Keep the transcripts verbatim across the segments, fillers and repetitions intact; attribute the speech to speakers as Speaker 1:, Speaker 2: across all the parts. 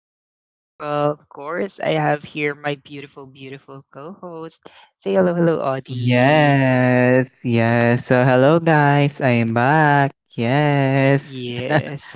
Speaker 1: And as usual, of course, I have here my beautiful, beautiful co host. Say hello, hello, Audie.
Speaker 2: Yes, yes. So hello guys, I am back. Yes.
Speaker 1: Yes.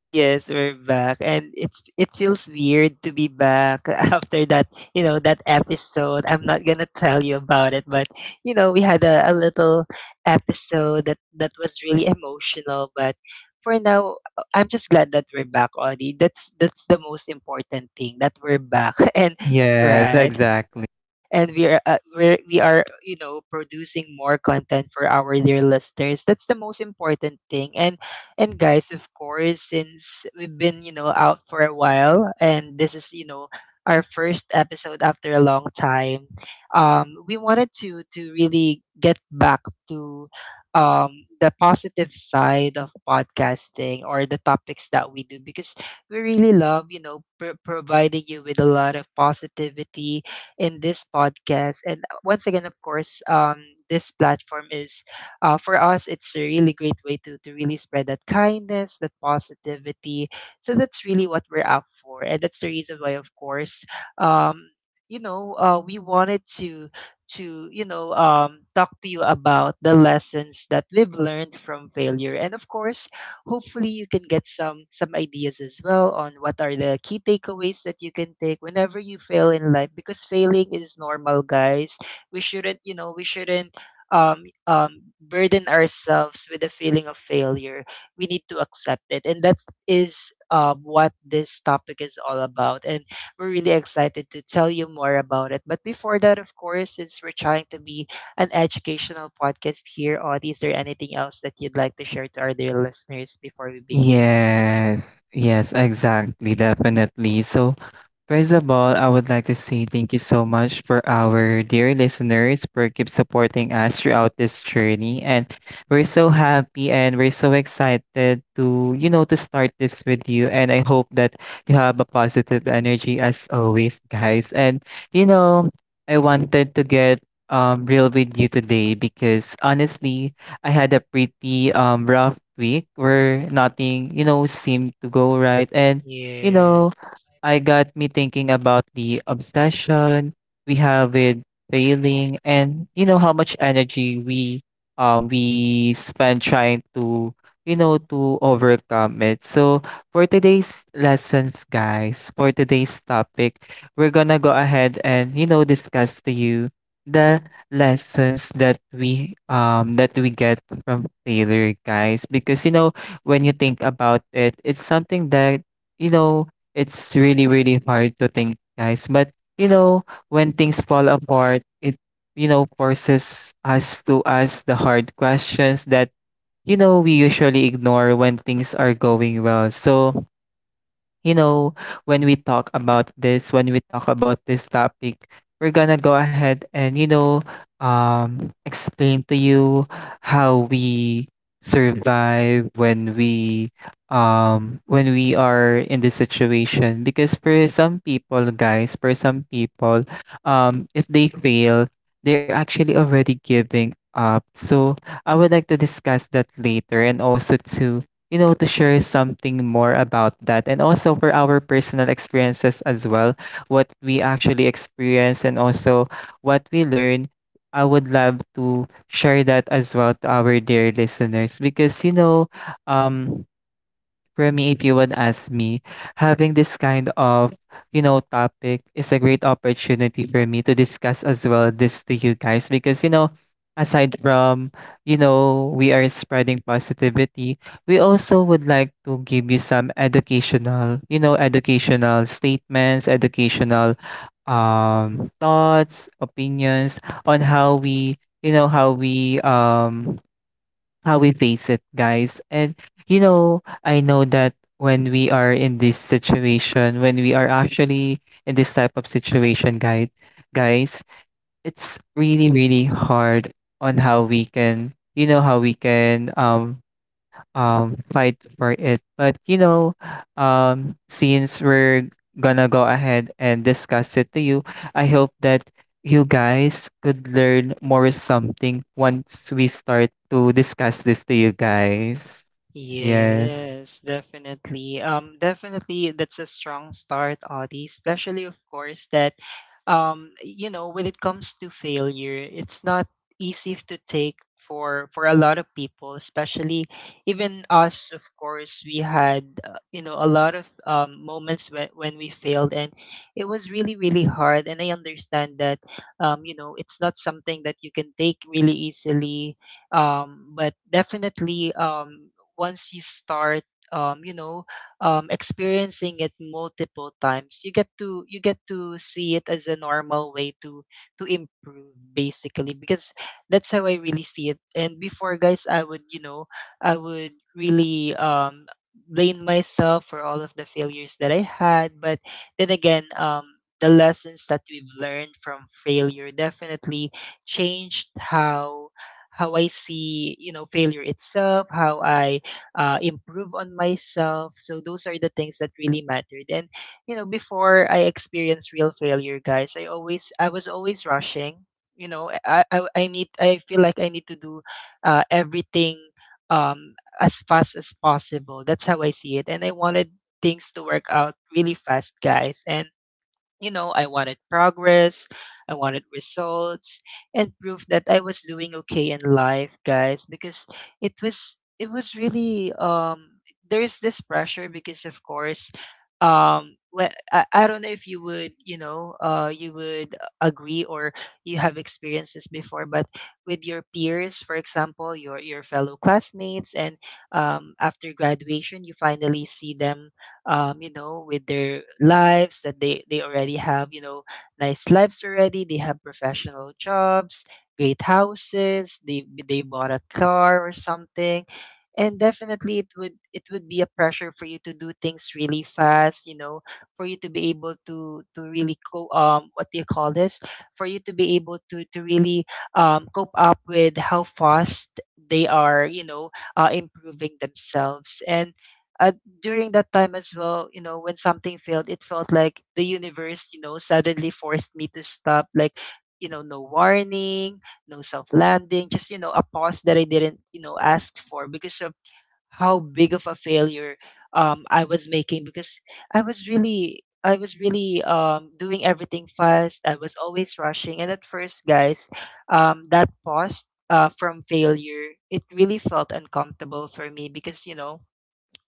Speaker 1: Yes, we're back, and it's it feels weird to be back after that. You know that episode. I'm not gonna tell you about it, but you know we had a, a little episode that that was really emotional. But for now, uh, I'm just glad that we're back, Audie. That's that's the most important thing that we're back. And
Speaker 2: Yes,
Speaker 1: right,
Speaker 2: exactly.
Speaker 1: and we are uh, we're, we are you know producing more content for our dear listeners. That's the most important thing. and and guys, of course, since we've been you know out for a while, and this is you know our first episode after a long time, um we wanted to to really get back to um the positive side of podcasting or the topics that we do, because we really love you know pr- providing you with a lot of positivity in this podcast. And once again, of course, um, this platform is uh, for us, it's a really great way to, to really spread that kindness, that positivity. So that's really what we're out for. And that's the reason why, of course, um, you know, uh, we wanted to to you know um, talk to you about the lessons that we've learned from failure. And of course, hopefully you can get some some ideas as well on what are the key takeaways that you can take whenever you fail in life, because failing is normal, guys. We shouldn't, you know, we shouldn't, um, um, burden ourselves with the feeling of failure. We need to accept it, and that is, um, what this topic is all about. And we're really excited to tell you more about it, but before that, of course, since we're trying to be an educational podcast here, or is there anything else that you'd like to share to our dear listeners before we begin?
Speaker 2: Yes, yes, exactly, definitely. So, first of all, I would like to say thank you so much for our dear listeners for keep supporting us throughout this journey. And we're so happy and we're so excited to, you know, to start this with you. And I hope that you have a positive energy as always, guys. And, you know, I wanted to get um real with you today because honestly, I had a pretty um rough week where nothing, you know, seemed to go right. And, you
Speaker 1: Yeah.
Speaker 2: know, I got me thinking about the obsession we have with failing, and you know how much energy we um we spend trying to, you know, to overcome it. So for today's lessons guys, for today's topic, we're gonna go ahead and, you know, discuss to you the lessons that we um that we get from failure, guys, because you know when you think about it, it's something that, you know, it's really really hard to think, guys, but you know, when things fall apart, it, you know, forces us to ask the hard questions that, you know, we usually ignore when things are going well. So you know, when we talk about this, when we talk about this topic, we're gonna go ahead and, you know, um, explain to you how we survive when we um when we are in this situation, because for some people guys, for some people um if they fail, they're actually already giving up. So I would like to discuss that later and also to, you know, to share something more about that, and also for our personal experiences as well, what we actually experience and also what we learn. I would love to share that as well to our dear listeners because, you know, um, for me, if you would ask me, having this kind of, you know, topic is a great opportunity for me to discuss as well this to you guys because, you know, aside from, you know, we are spreading positivity, we also would like to give you some educational, you know, educational statements, educational um thoughts, opinions on how we, you know, how we um how we face it, guys. And you know, I know that when we are in this situation, when we are actually in this type of situation, guys, guys, it's really, really hard on how we can, you know, how we can um um fight for it. But you know, um since we're gonna go ahead and discuss it to you, I hope that you guys could learn more something once we start to discuss this to you guys. Yes.
Speaker 1: Yes, definitely. Um, definitely, that's a strong start, Audie. Especially, of course, that, um, you know, when it comes to failure, it's not easy f- to take for for a lot of people. Especially, even us, of course, we had, uh, you know, a lot of um, moments when when we failed, and it was really, really hard. And I understand that, um, you know, it's not something that you can take really easily, um, but definitely, um, once you start, um you know, um experiencing it multiple times, you get to, you get to see it as a normal way to to improve, basically, because that's how I really see it. And before, guys, I would, you know, I would really, um blame myself for all of the failures that I had. But then again, um the lessons that we've learned from failure definitely changed how how I see, you know, failure itself, how I, uh, improve on myself. So those are the things that really mattered. And you know, before I experienced real failure, guys, I always I was always rushing. You know, I I, I need, I feel like I need to do uh, everything, um, as fast as possible. That's how I see it, and I wanted things to work out really fast, guys. And you know, I wanted progress, I wanted results, and proof that I was doing okay in life, guys, because it was it was really, um there's this pressure, because of course, um when, I, I don't know if you would, you know, uh you would agree or you have experienced this before, but with your peers, for example, your your fellow classmates, and um after graduation you finally see them, um, you know, with their lives that they, they already have, you know, nice lives already. They have professional jobs, great houses. They, they bought a car or something. And definitely it would, it would be a pressure for you to do things really fast, you know, for you to be able to to really co- um what do you call this, for you to be able to to really um cope up with how fast they are, you know, uh, improving themselves. And uh, during that time as well, you know, when something failed, it felt like the universe, you know, suddenly forced me to stop, like, you know, no warning, no soft landing, just, you know, a pause that I didn't, you know, ask for, because of how big of a failure, um, I was making, because I was really I was really, um, doing everything fast. I was always rushing. And at first, guys, um, that pause, uh, from failure, it really felt uncomfortable for me, because you know,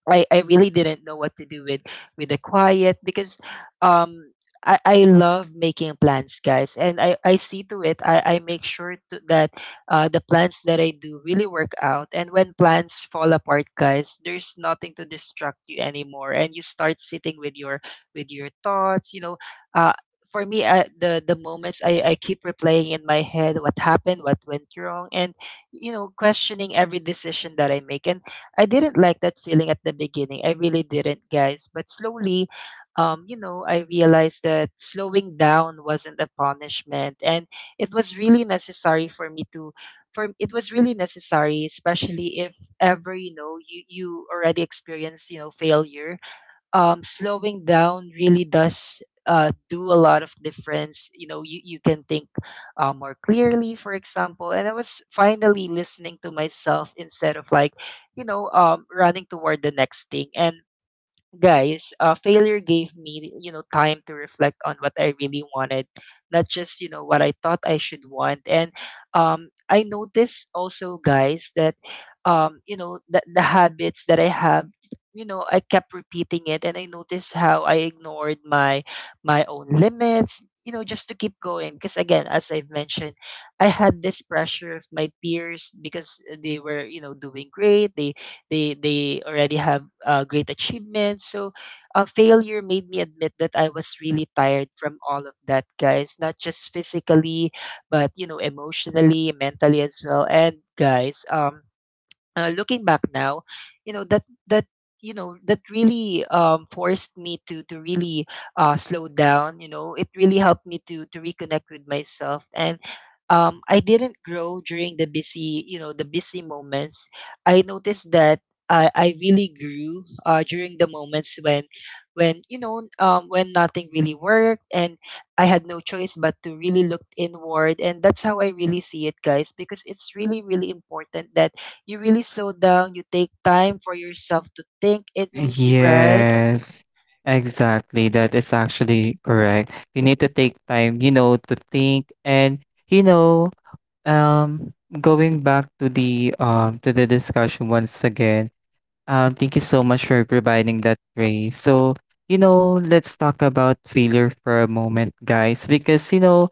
Speaker 1: I, I really didn't know what to do with with the quiet, because um I, I love making plans, guys, and I, I see to it, I, I make sure to, that uh, the plans that I do really work out. And when plans fall apart, guys, there's nothing to distract you anymore, and you start sitting with your with your thoughts, you know, uh, for me, uh, the the moments, I, I keep replaying in my head what happened, what went wrong, and you know, questioning every decision that I make. And I didn't like that feeling at the beginning. I really didn't, guys. But slowly, um, you know, I realized that slowing down wasn't a punishment, and it was really necessary for me to. For it was really necessary, especially if ever, you know, you you already experienced, you know, failure, um, slowing down really does, uh, do a lot of difference. You know, you, you can think uh, more clearly, for example. And I was finally listening to myself instead of, like, you know, um, running toward the next thing. And guys, uh, failure gave me, you know, time to reflect on what I really wanted, not just, you know, what I thought I should want. And um, I noticed also, guys, that, um, you know, that the habits that I have, you know, I kept repeating it, and I noticed how I ignored my my own limits. You know, just to keep going, because again, as I've mentioned, I had this pressure of my peers, because they were, you know, doing great. They they they already have, uh, great achievements. So uh, failure made me admit that I was really tired from all of that, guys, not just physically, but you know, emotionally, mentally as well. And guys, um uh, looking back now, you know that that you know that really, um, forced me to to really, uh, slow down. You know, it really helped me to to reconnect with myself. And um, I didn't grow during the busy, you know, the busy moments. I noticed that. I, I really grew, uh, during the moments when when you know, um, when nothing really worked, and I had no choice but to really look inward. And that's how I really see it, guys, because it's really, really important that you really slow down, you take time for yourself to think it, right?
Speaker 2: Yes. Exactly. That is actually correct. You need to take time, you know, to think. And you know, um going back to the um to the discussion once again. Um, thank you so much for providing that, Ray. So, you know, let's talk about failure for a moment, guys, because, you know,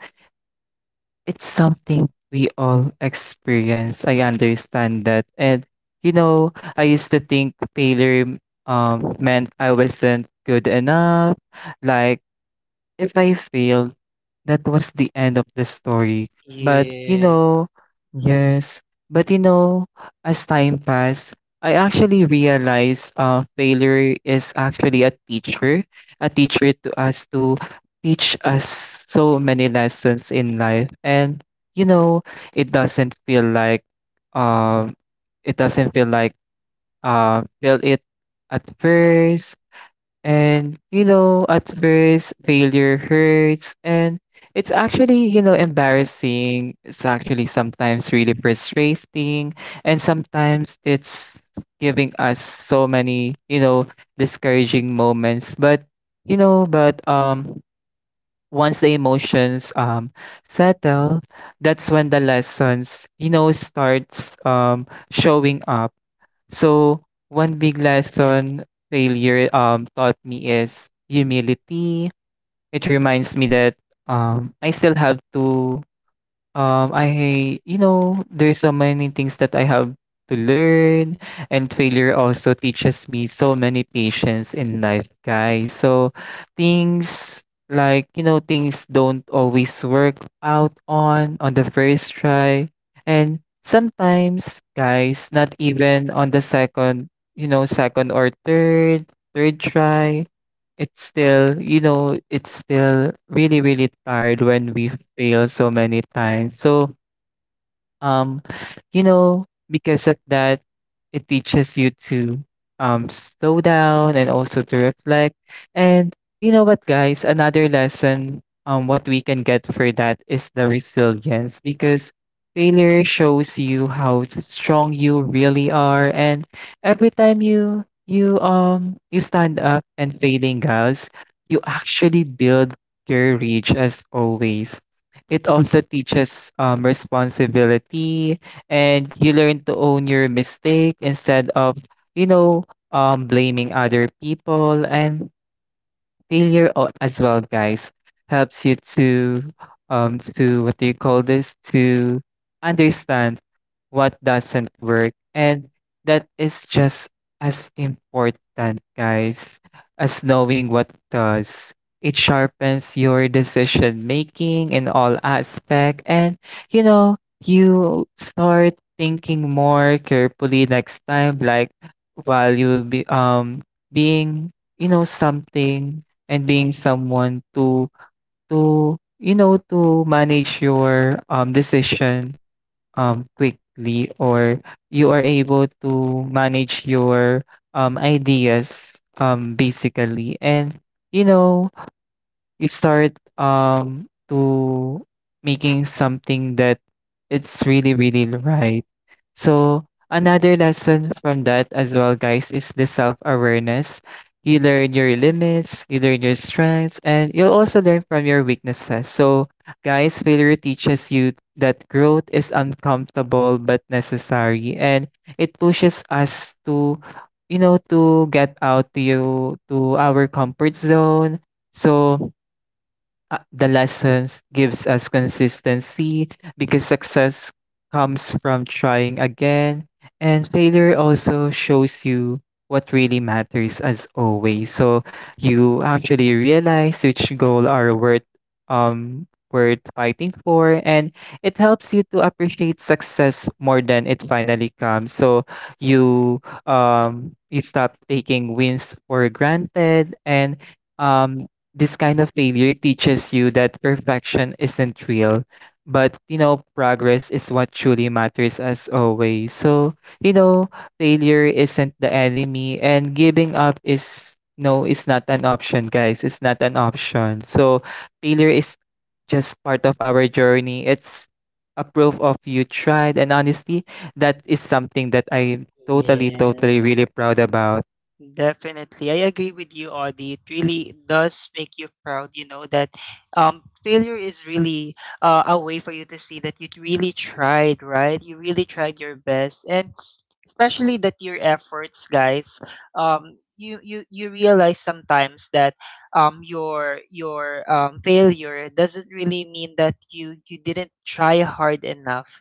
Speaker 2: it's something we all experience. I understand that. And, you know, I used to think failure um, meant I wasn't good enough, like if I failed, that was the end of the story. But you
Speaker 1: Yes.
Speaker 2: know, yes, but you know, as time passed, I actually realized uh, failure is actually a teacher, a teacher to us to teach us so many lessons in life. And you know, it doesn't feel like um, it doesn't feel like uh, feel it at first. And, you know, at first, failure hurts. And it's actually, you know, embarrassing. It's actually sometimes really frustrating. And sometimes it's giving us so many, you know, discouraging moments. But, you know, but, um, once the emotions um settle, that's when the lessons, you know, starts um showing up. So, one big lesson failure um taught me is humility. It reminds me that um I still have to Um, I, you know, there's so many things that I have to learn, and failure also teaches me so many patience in life, guys. So things like, you know, things don't always work out on on the first try, and sometimes, guys, not even on the second, you know, second or third, third try. It's still, you know, it's still really, really tired when we fail so many times. So, um, you know, because of that, it teaches you to um slow down and also to reflect. And you know what, guys, another lesson um what we can get for that is the resilience, because failure shows you how strong you really are, and every time you you um you stand up and failing, guys, you actually build courage as always. It also teaches um, responsibility, and you learn to own your mistake instead of, you know, um, blaming other people. And failure o- as well, guys, helps you to um to what do you call this to understand what doesn't work, and that is just as important, guys, as knowing what does. It sharpens your decision making in all aspect, and you know, you start thinking more carefully next time, like while you'll be um being, you know, something and being someone to to you know, to manage your um decision um quickly, or you are able to manage your um ideas um basically. And you know, you start um to making something that it's really really right. So another lesson from that as well, guys, is the self-awareness. You learn your limits, you learn your strengths, and you'll also learn from your weaknesses. So guys, failure teaches you that growth is uncomfortable but necessary, and it pushes us to, you know, to get out to you to our comfort zone. So, Uh, the lessons gives us consistency because success comes from trying again, and failure also shows you what really matters as always. So you actually realize which goal are worth um worth fighting for, and it helps you to appreciate success more than it finally comes. So you, um you stop taking wins for granted. And um this kind of failure teaches you that perfection isn't real, but you know, progress is what truly matters as always. So you know, failure isn't the enemy, and giving up is no is not an option, guys, it's not an option. So failure is just part of our journey, it's a proof of you tried, and honestly, that is something that I'm totally
Speaker 1: Yes.
Speaker 2: totally really proud about.
Speaker 1: Definitely. I agree with you, Audie. It really does make you proud, you know, that um, failure is really, uh, a way for you to see that you really tried, right? You really tried your best. And especially that your efforts, guys, um, you, you, you realize sometimes that um, your your, um, failure doesn't really mean that you, you didn't try hard enough.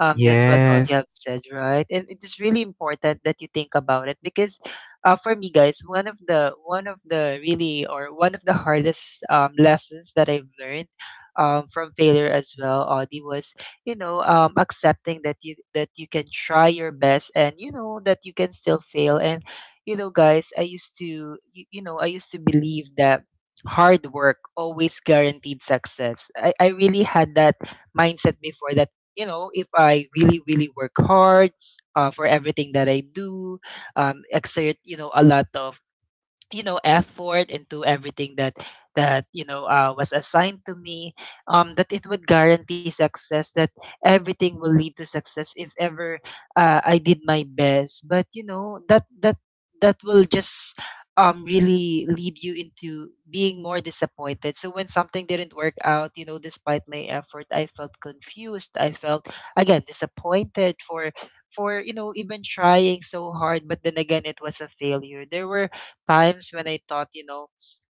Speaker 1: Um, just what Audie
Speaker 2: Yes.
Speaker 1: have said, right? And it is really important that you think about it, because uh, for me, guys, one of the one of the really, or one of the hardest, um, lessons that I've learned, um, from failure as well, Audie, was you know, um, accepting that you that you can try your best, and you know that you can still fail. And you know guys, I used to you, you know I used to believe that hard work always guaranteed success. I, I really had that mindset before, that you know, if I really, really work hard, uh, for everything that I do, um, exert, you know, a lot of, you know, effort into everything that that you know, uh, was assigned to me, um that it would guarantee success, that everything will lead to success, if ever, uh, I did my best. But you know, that that that will just, um really lead you into being more disappointed. So when something didn't work out, you know, despite my effort, I felt confused, I felt again disappointed for for you know, even trying so hard. But then again, it was a failure. There were times when I thought, you know,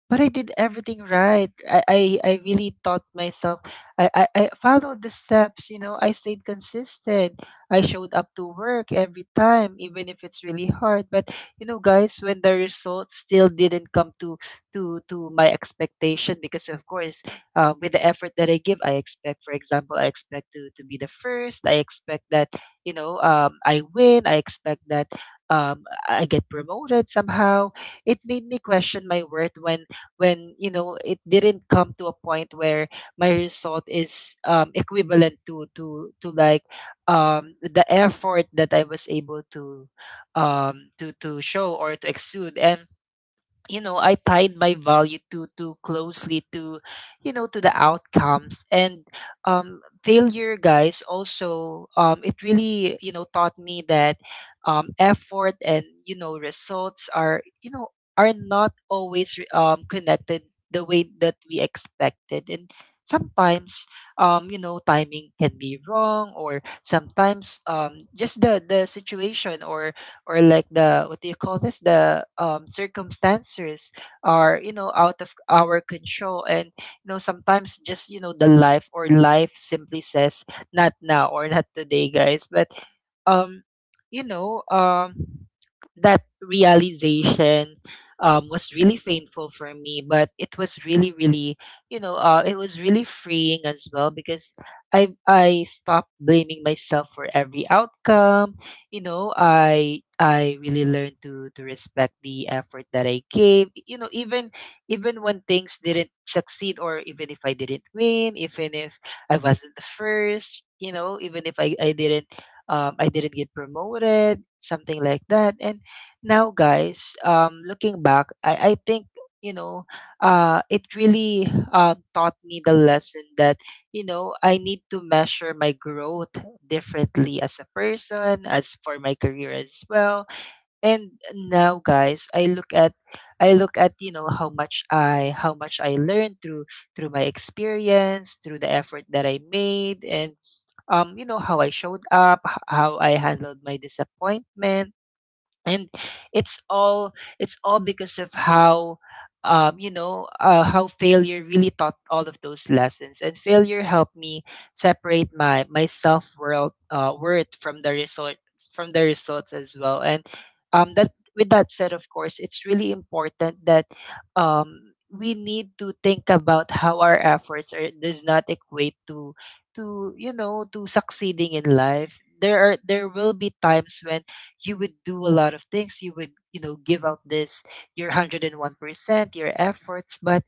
Speaker 1: but I did everything right. I, I, I really taught myself. I, I, I followed the steps, you know, I stayed consistent. I showed up to work every time, even if it's really hard. But you know, guys, when the results still didn't come to to to my expectation, because of course, uh, with the effort that I give, I expect, for example, I expect to, to be the first. I expect that, you know, um, I win. I expect that um, I get promoted somehow. It made me question my worth when when you know it didn't come to a point where my result is um, equivalent to to to like um, the effort that I was able to um, to to show or to exude. And you know, I tied my value too too closely to, you know, to the outcomes. And um failure, guys, also, um it really, you know, taught me that um effort and, you know, results are, you know, are not always re- um connected the way that we expected. And sometimes, um you know, timing can be wrong, or sometimes, um just the the situation, or or like, the what do you call this, the um, circumstances are, you know, out of our control. And you know, sometimes, just you know, the life or life simply says not now or not today, guys. But um you know um that realization um, was really painful for me, but it was really, really, you know, uh, it was really freeing as well, because I I stopped blaming myself for every outcome. You know, i i really learned to to respect the effort that I gave, you know. Even even when things didn't succeed, or even if I didn't win, even if I wasn't the first, you know, even if i i didn't um i didn't get promoted, something like that. And now, guys, um looking back, i i think, you know, uh it really um taught me the lesson that, you know, I need to measure my growth differently as a person, as for my career as well. And now, guys, I look at I look at, you know, how much I how much I learned through through my experience, through the effort that I made. And um, you know, how I showed up, h- how I handled my disappointment. And it's all, it's all because of how um you know, uh, how failure really taught all of those lessons. And failure helped me separate my my self world uh worth from the results, from the results as well. And um that with that said, of course, it's really important that um we need to think about how our efforts are does not equate to to you know, to succeeding in life. There are, there will be times when you would do a lot of things, you would, you know, give out this your a hundred one percent your efforts. But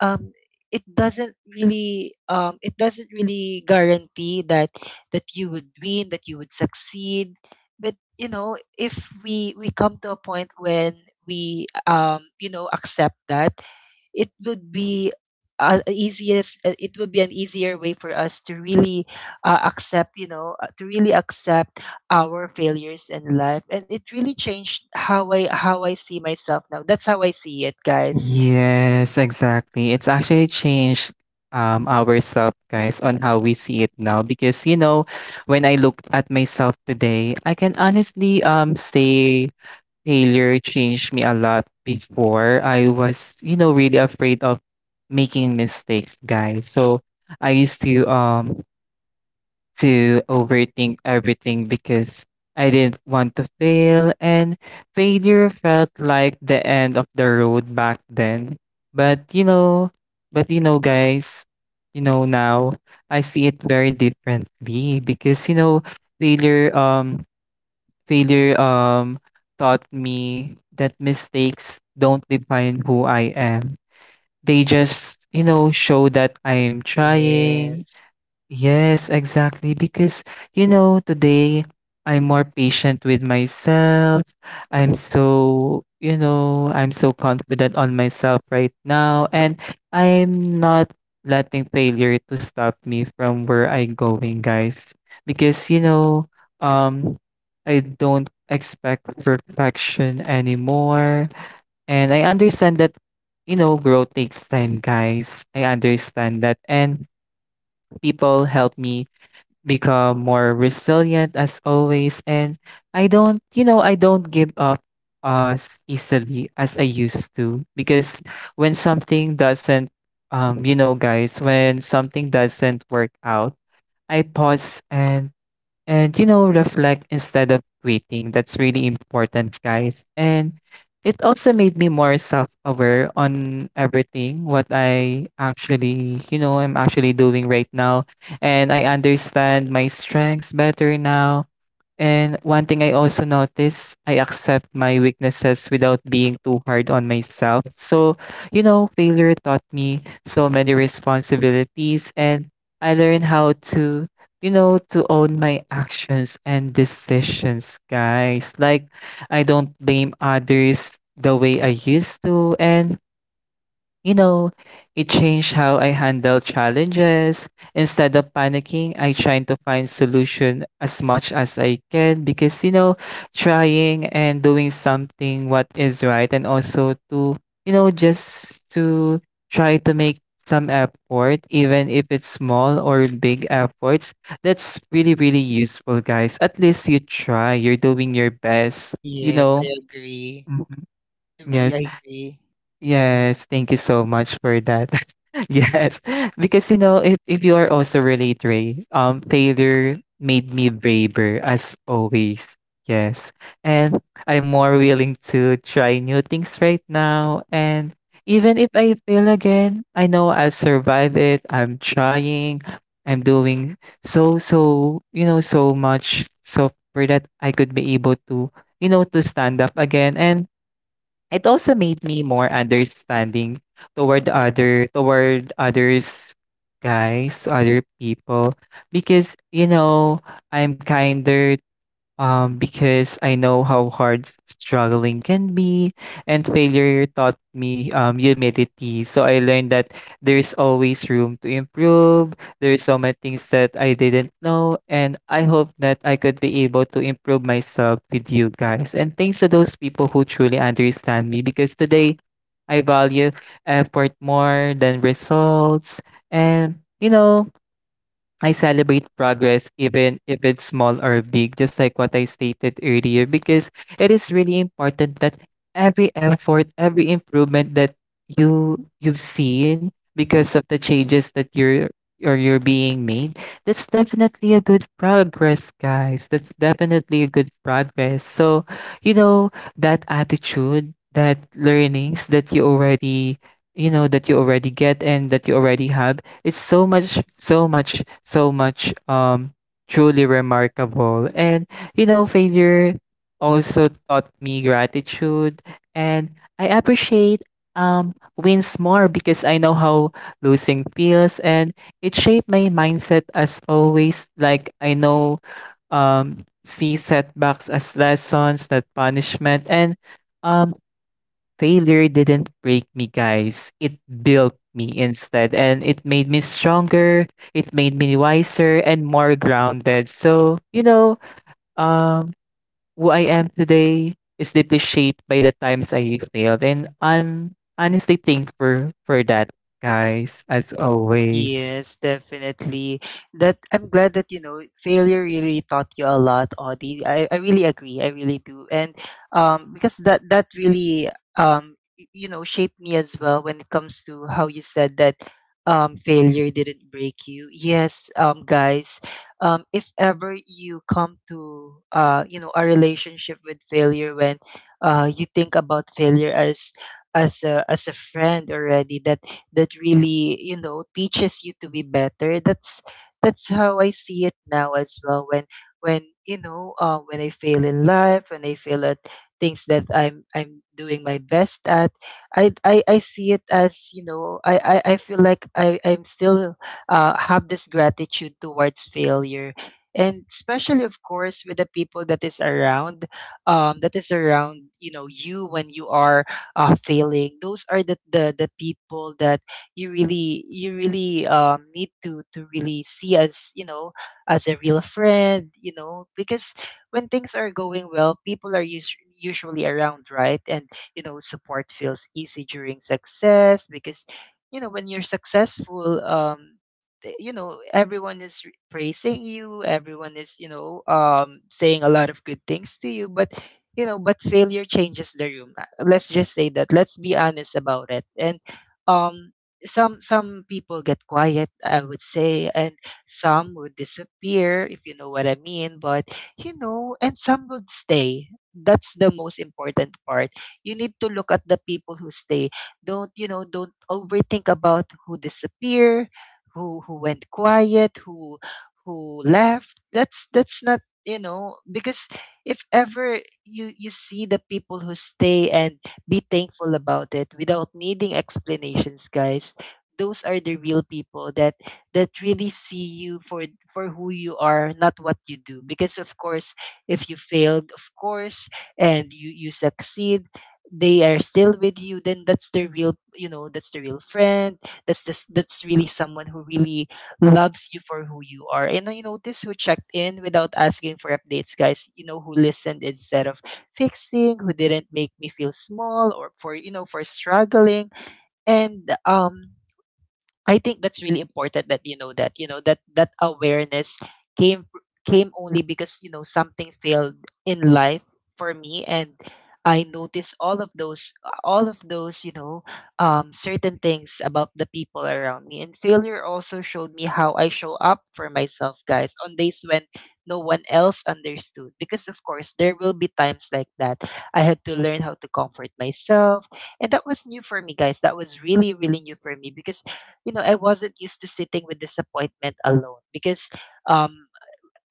Speaker 1: um it doesn't really, um it doesn't really guarantee that that you would win, that you would succeed. But you know, if we we come to a point when we, um you know, accept that, it would be, uh, easiest uh, it would be an easier way for us to really, uh, accept, you know, uh, to really accept our failures in life. And it really changed how I how I see myself now. That's how I see it, guys.
Speaker 2: Yes, exactly. It's actually changed um ourselves, guys, on how we see it now. Because you know, when I look at myself today, I can honestly um say failure changed me a lot. Before, I was, you know, really afraid of making mistakes, guys. So I used to um to overthink everything because I didn't want to fail, and failure felt like the end of the road back then. But you know, but you know, guys, you know, now I see it very differently, because you know, failure, um, failure, um, taught me that mistakes don't define who I am. They just, you know, show that I am trying.
Speaker 1: Yes.
Speaker 2: Yes, exactly. Because, you know, today I'm more patient with myself. I'm so, you know, I'm so confident on myself right now. And I'm not letting failure to stop me from where I'm going, guys. Because, you know, um, I don't expect perfection anymore. And I understand that, you know, growth takes time, guys. I understand that. And people help me become more resilient as always, and I don't, you know, I don't give up as easily as I used to, because when something doesn't, um you know guys, when something doesn't work out, I pause and, and you know, reflect instead of quitting. That's really important, guys. And it also made me more self-aware on everything, what I actually, you know, I'm actually doing right now. And I understand my strengths better now. And one thing I also notice, I accept my weaknesses without being too hard on myself. So, you know, failure taught me so many responsibilities, and I learned how to, you know, to own my actions and decisions, guys. Like I don't blame others the way I used to. And you know, it changed how I handle challenges. Instead of panicking, I try to find solution as much as I can, because you know, trying and doing something what is right, and also to, you know, just to try to make some effort, even if it's small or big efforts. That's really really useful, guys. At least you try, you're doing your best, you
Speaker 1: Yes,
Speaker 2: know.
Speaker 1: I agree.
Speaker 2: Mhm.
Speaker 1: I
Speaker 2: Yes.
Speaker 1: really agree.
Speaker 2: Yes, thank you so much for that. Yes, because you know, if if you are also relate, Ray, um, failure made me braver as always. Yes, and I'm more willing to try new things right now. And even if I fail again, I know I'll survive it. I'm trying. I'm doing so so you know so much so for that I could be able to you know to stand up again. And it also made me more understanding toward other toward others, guys, other people, because you know, I'm kinder, um, because I know how hard struggling can be, and failure taught me um, humility. So I learned that there's always room to improve. There's so many things that I didn't know, and I hope that I could be able to improve myself with you guys. And thanks to those people who truly understand me, because today I value effort more than results. And you know, I celebrate progress even if it's small or big, just like what I stated earlier, because it is really important that every effort, every improvement that you you've seen because of the changes that you're or you're being made, that's definitely a good progress, guys. That's definitely a good progress. So, you know, that attitude, that learnings that you already you know that you already get and that you already have, it's so much, so much, so much um truly remarkable. And you know, failure also taught me gratitude, and I appreciate um wins more because I know how losing feels, and it shaped my mindset as always. Like I know um see setbacks as lessons, not punishment. And um failure didn't break me, guys. It built me instead, and it made me stronger. It made me wiser and more grounded. So, you know, um, who I am today is deeply shaped by the times I failed, and I'm honestly thankful for that, guys, as always.
Speaker 1: Yes, definitely. That I'm glad that you know, failure really taught you a lot, Audie. I, I really agree. I really do. And um because that that really um y- you know, shaped me as well when it comes to how you said that um failure didn't break you. Yes, um guys, um if ever you come to uh you know, a relationship with failure, when uh you think about failure as as a as a friend already that that really, you know, teaches you to be better. that's that's how I see it now as well. when when you know, uh, when I fail in life, when I fail at things that i'm I'm doing my best at, i i, I see it as, you know, i i, I feel like i I'm still, uh, have this gratitude towards failure. And especially, of course, with the people that is around, um, that is around you know, you when you are, uh, failing, those are the, the the people that you really, you really, um, need to to really see as, you know, as a real friend, you know. Because when things are going well, people are us- usually around, right? And you know, support feels easy during success, because you know, when you're successful, um th- you know, everyone is r- praising you, everyone is, you know, um saying a lot of good things to you. But you know, but failure changes the room. Uh, let's just say that, let's be honest about it. And um some some people get quiet, I would say. And some would disappear, if you know what I mean. But you know, and some would stay. That's the most important part. You need to look at the people who stay. Don't, you know, don't overthink about who disappear, who who went quiet, who who left. that's that's not, you know, because if ever you, you see the people who stay, and be thankful about it without needing explanations, guys, those are the real people that that really see you for for who you are, not what you do. Because of course, if you failed, of course, and you you succeed, they are still with you, then that's the real, you know, that's the real friend. That's this that's really someone who really loves you for who you are. And you notice who checked in without asking for updates, guys, you know, who listened instead of fixing, who didn't make me feel small, or for, you know, for struggling. And um I think that's really important that you know, that you know that that awareness came fr- came only because, you know, something failed in life for me. And I noticed all of those, all of those you know, um, certain things about the people around me. And failure also showed me how I show up for myself, guys, on days when no one else understood, because of course there will be times like that. I had to learn how to comfort myself, and that was new for me, guys. That was really, really new for me, because you know, I wasn't used to sitting with disappointment alone. Because um,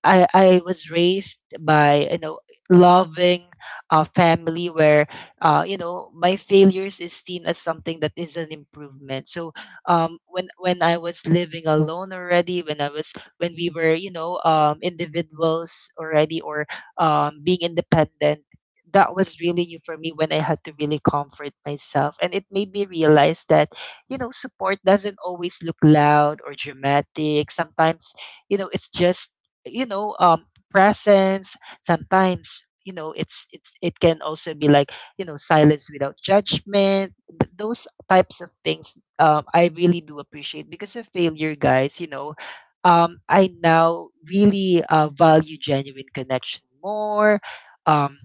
Speaker 1: I, I was raised by, you know, loving a family where, uh, you know, my failures is seen as something that is an improvement. So um, when when I was living alone already, when I was when we were, you know, um, individuals already, or um, being independent, that was really new for me when I had to really comfort myself. And it made me realize that, you know, support doesn't always look loud or dramatic. Sometimes, you know, it's just, you know, um presence. Sometimes, you know, it's it's it can also be like, you know, silence without judgment. Th- those types of things, um I really do appreciate because of failure, guys. You know, um I now really, uh, value genuine connection more. um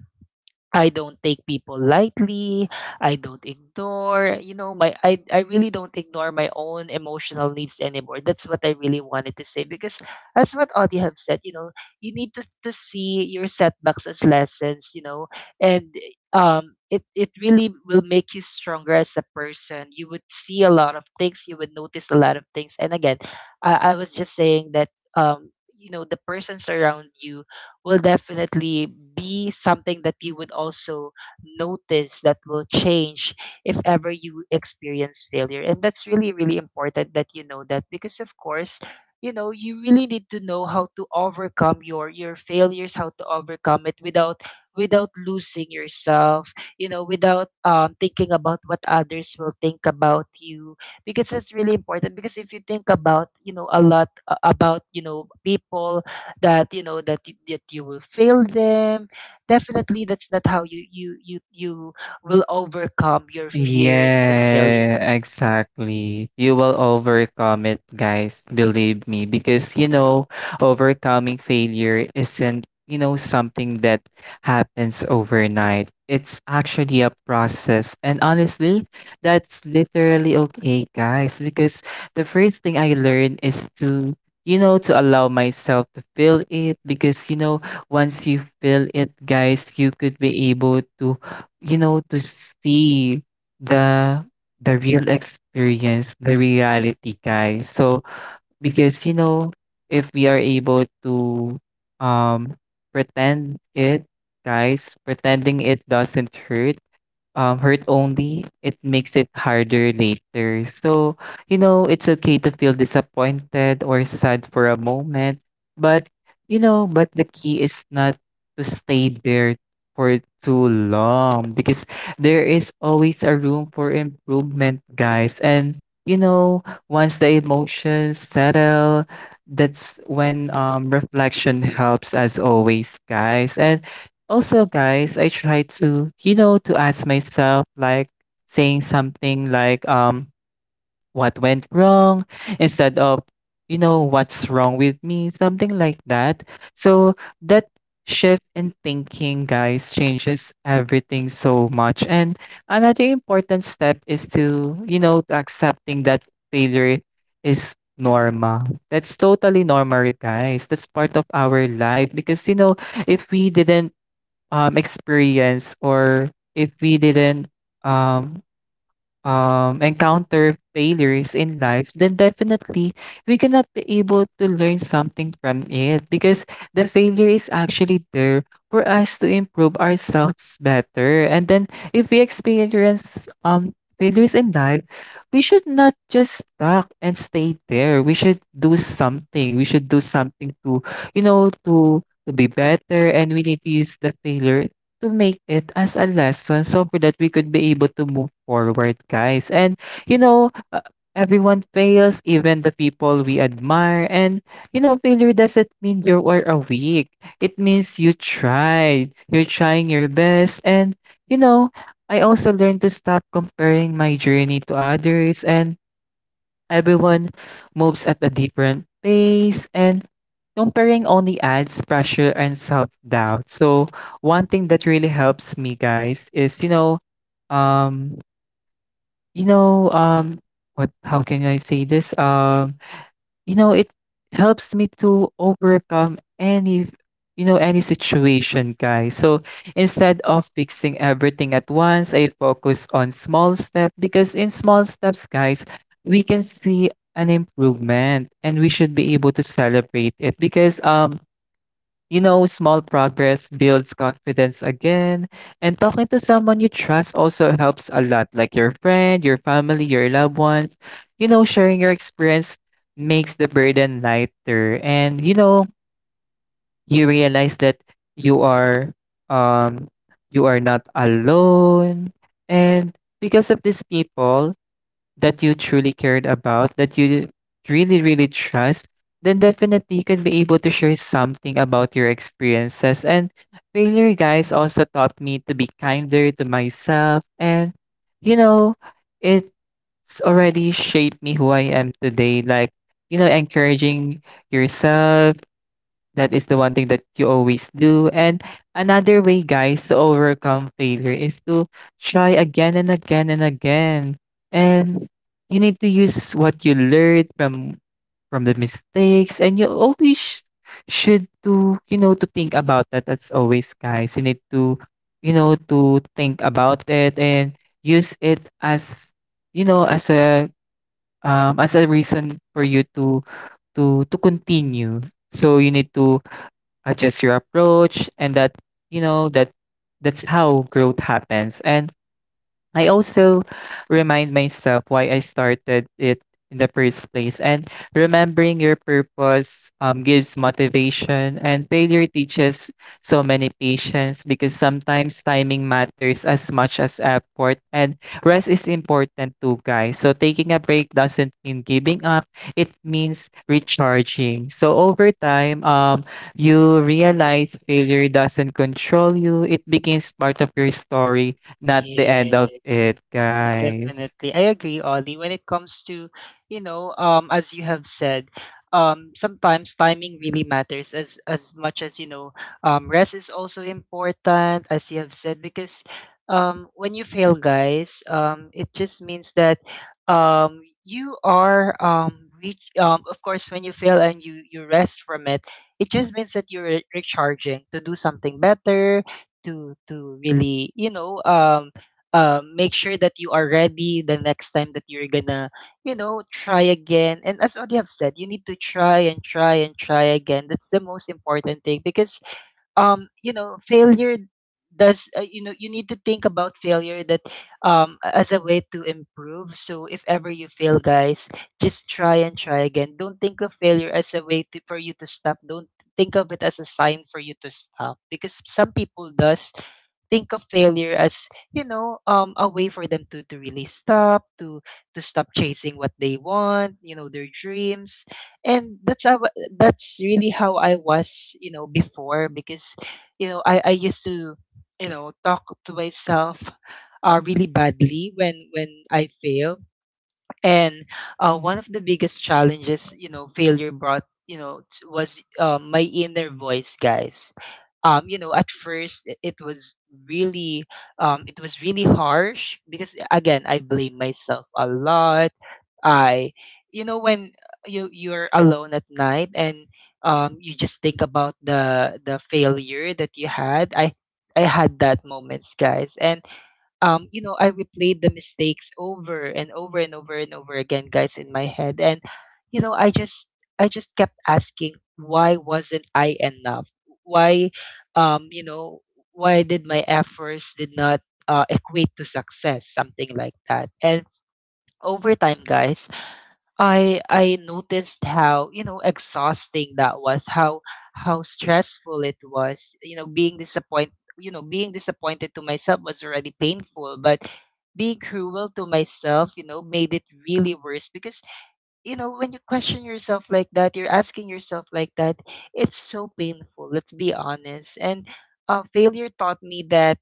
Speaker 1: I don't take people lightly. I don't ignore, you know, my I I really don't ignore my own emotional needs anymore. That's what I really wanted to say, because that's what Audie have said, you know, you need to, to see your setbacks as lessons, you know. And um it it really will make you stronger as a person. You would see a lot of things, you would notice a lot of things. And again, I, I was just saying that um you know, the persons around you will definitely be something that you would also notice that will change if ever you experience failure. And that's really, really important that you know that, because of course, you know, you really need to know how to overcome your your failures, how to overcome it without without losing yourself, you know, without um thinking about what others will think about you. Because that's really important, because if you think about, you know, a lot, uh, about, you know, people that you know, that y- that you will fail them, definitely that's not how you you you you will overcome your fears and failure.
Speaker 2: Yeah, exactly. You will overcome it, guys. Believe me. Because, you know, overcoming failure isn't, you know, something that happens overnight. It's actually a process. And honestly, that's literally okay, guys. Because the first thing I learned is to, you know, to allow myself to feel it. Because, you know, once you feel it, guys, you could be able to, you know, to see the the real experience, the reality, guys. So because you know, if we are able to um pretend it, guys, pretending it doesn't hurt um, hurt only, it makes it harder later. So, you know, it's okay to feel disappointed or sad for a moment, but, you know, but the key is not to stay there for too long, because there is always a room for improvement, guys. And, you know, once the emotions settle, that's when um, reflection helps as always, guys. And also, guys, I try to, you know, to ask myself, like saying something like, um, what went wrong instead of, you know, what's wrong with me, something like that. So that shift in thinking, guys, changes everything so much. And another important step is to, you know, to accepting that failure is normal. That's totally normal, guys. That's part of our life, because, you know, if we didn't um, experience or if we didn't um, um, encounter failures in life, then definitely we cannot be able to learn something from it, because the failure is actually there for us to improve ourselves better. And then if we experience um, failures in life, we should not just stuck and stay there. We should do something. We should do something to, you know, to to be better, and we need to use the failure to make it as a lesson so for that we could be able to move forward, guys. And you know, uh, everyone fails, even the people we admire. And you know, failure doesn't mean you are a weak. It means you tried. You're trying your best. And you know, I also learned to stop comparing my journey to others, and everyone moves at a different pace, and comparing only adds pressure and self-doubt. So one thing that really helps me, guys, is you know um you know um what how can I say this? Um you know it helps me to overcome any, you know, any situation, guys. So instead of fixing everything at once, I focus on small steps, because in small steps, guys, we can see an improvement, and we should be able to celebrate it, because um you know, small progress builds confidence again, and talking to someone you trust also helps a lot, like your friend, your family, your loved ones. You know, sharing your experience makes the burden lighter, and you know, you realize that you are um you are not alone. And because of these people, that you truly cared about, that you really, really trust, then definitely you can be able to share something about your experiences. And failure, guys, also taught me to be kinder to myself. And, you know, it's already shaped me who I am today. Like, you know, encouraging yourself, that is the one thing that you always do. And another way, guys, to overcome failure is to try again and again and again. And you need to use what you learned from from the mistakes, and you always sh- should to you know to think about that. As always, guys, you need to you know to think about it and use it as you know as a um as a reason for you to to to continue. So you need to adjust your approach, and that you know that that's how growth happens. And I also remind myself why I started it in the first place. And remembering your purpose um, gives motivation, and failure teaches so many patience, because sometimes timing matters as much as effort. And rest is important too, guys. So taking a break doesn't mean giving up, it means recharging. So over time, um, you realize failure doesn't control you, it becomes part of your story, not the end of
Speaker 1: Yeah.
Speaker 2: it, guys.
Speaker 1: Definitely. I agree, Ollie. When it comes to, you know, um, as you have said, um, sometimes timing really matters as as much as, you know, um, rest is also important, as you have said, because um, when you fail, guys, um, it just means that um, you are um, reach, um, of course, when you fail and you you rest from it, it just means that you're recharging to do something better, to to really, you know, um uh, make sure that you are ready the next time that you're gonna, you know, try again. And as Audie have said, you need to try and try and try again. That's the most important thing because um you know failure does uh, you know you need to think about failure that um as a way to improve. So if ever you fail, guys, just try and try again. Don't think of failure as a way to, for you to stop. Don't think of it as a sign for you to stop because some people does think of failure as you know um a way for them to to really stop, to to stop chasing what they want, you know, their dreams. And that's how, that's really how I was, you know, before because you know I I used to you know talk to myself uh, really badly when when I fail, and uh, one of the biggest challenges, you know, failure brought, you know t- was uh, my inner voice, guys. Um, you know, at first it, it was really um, it was really harsh because again I blame myself a lot. I, you know, when you you're alone at night and um, you just think about the the failure that you had. I I had that moments, guys, and um, you know, I replayed the mistakes over and over and over and over again, guys, in my head, and you know, I just I just kept asking, why wasn't I enough? Why, um, you know, why did my efforts did not uh, equate to success, something like that. And over time, guys, I I noticed how, you know, exhausting that was, how how stressful it was. You know, being disappoint, you know, being disappointed to myself was already painful, but being cruel to myself, you know, made it really worse because you know when you question yourself like that, you're asking yourself like that, it's so painful, let's be honest. And uh, failure taught me that,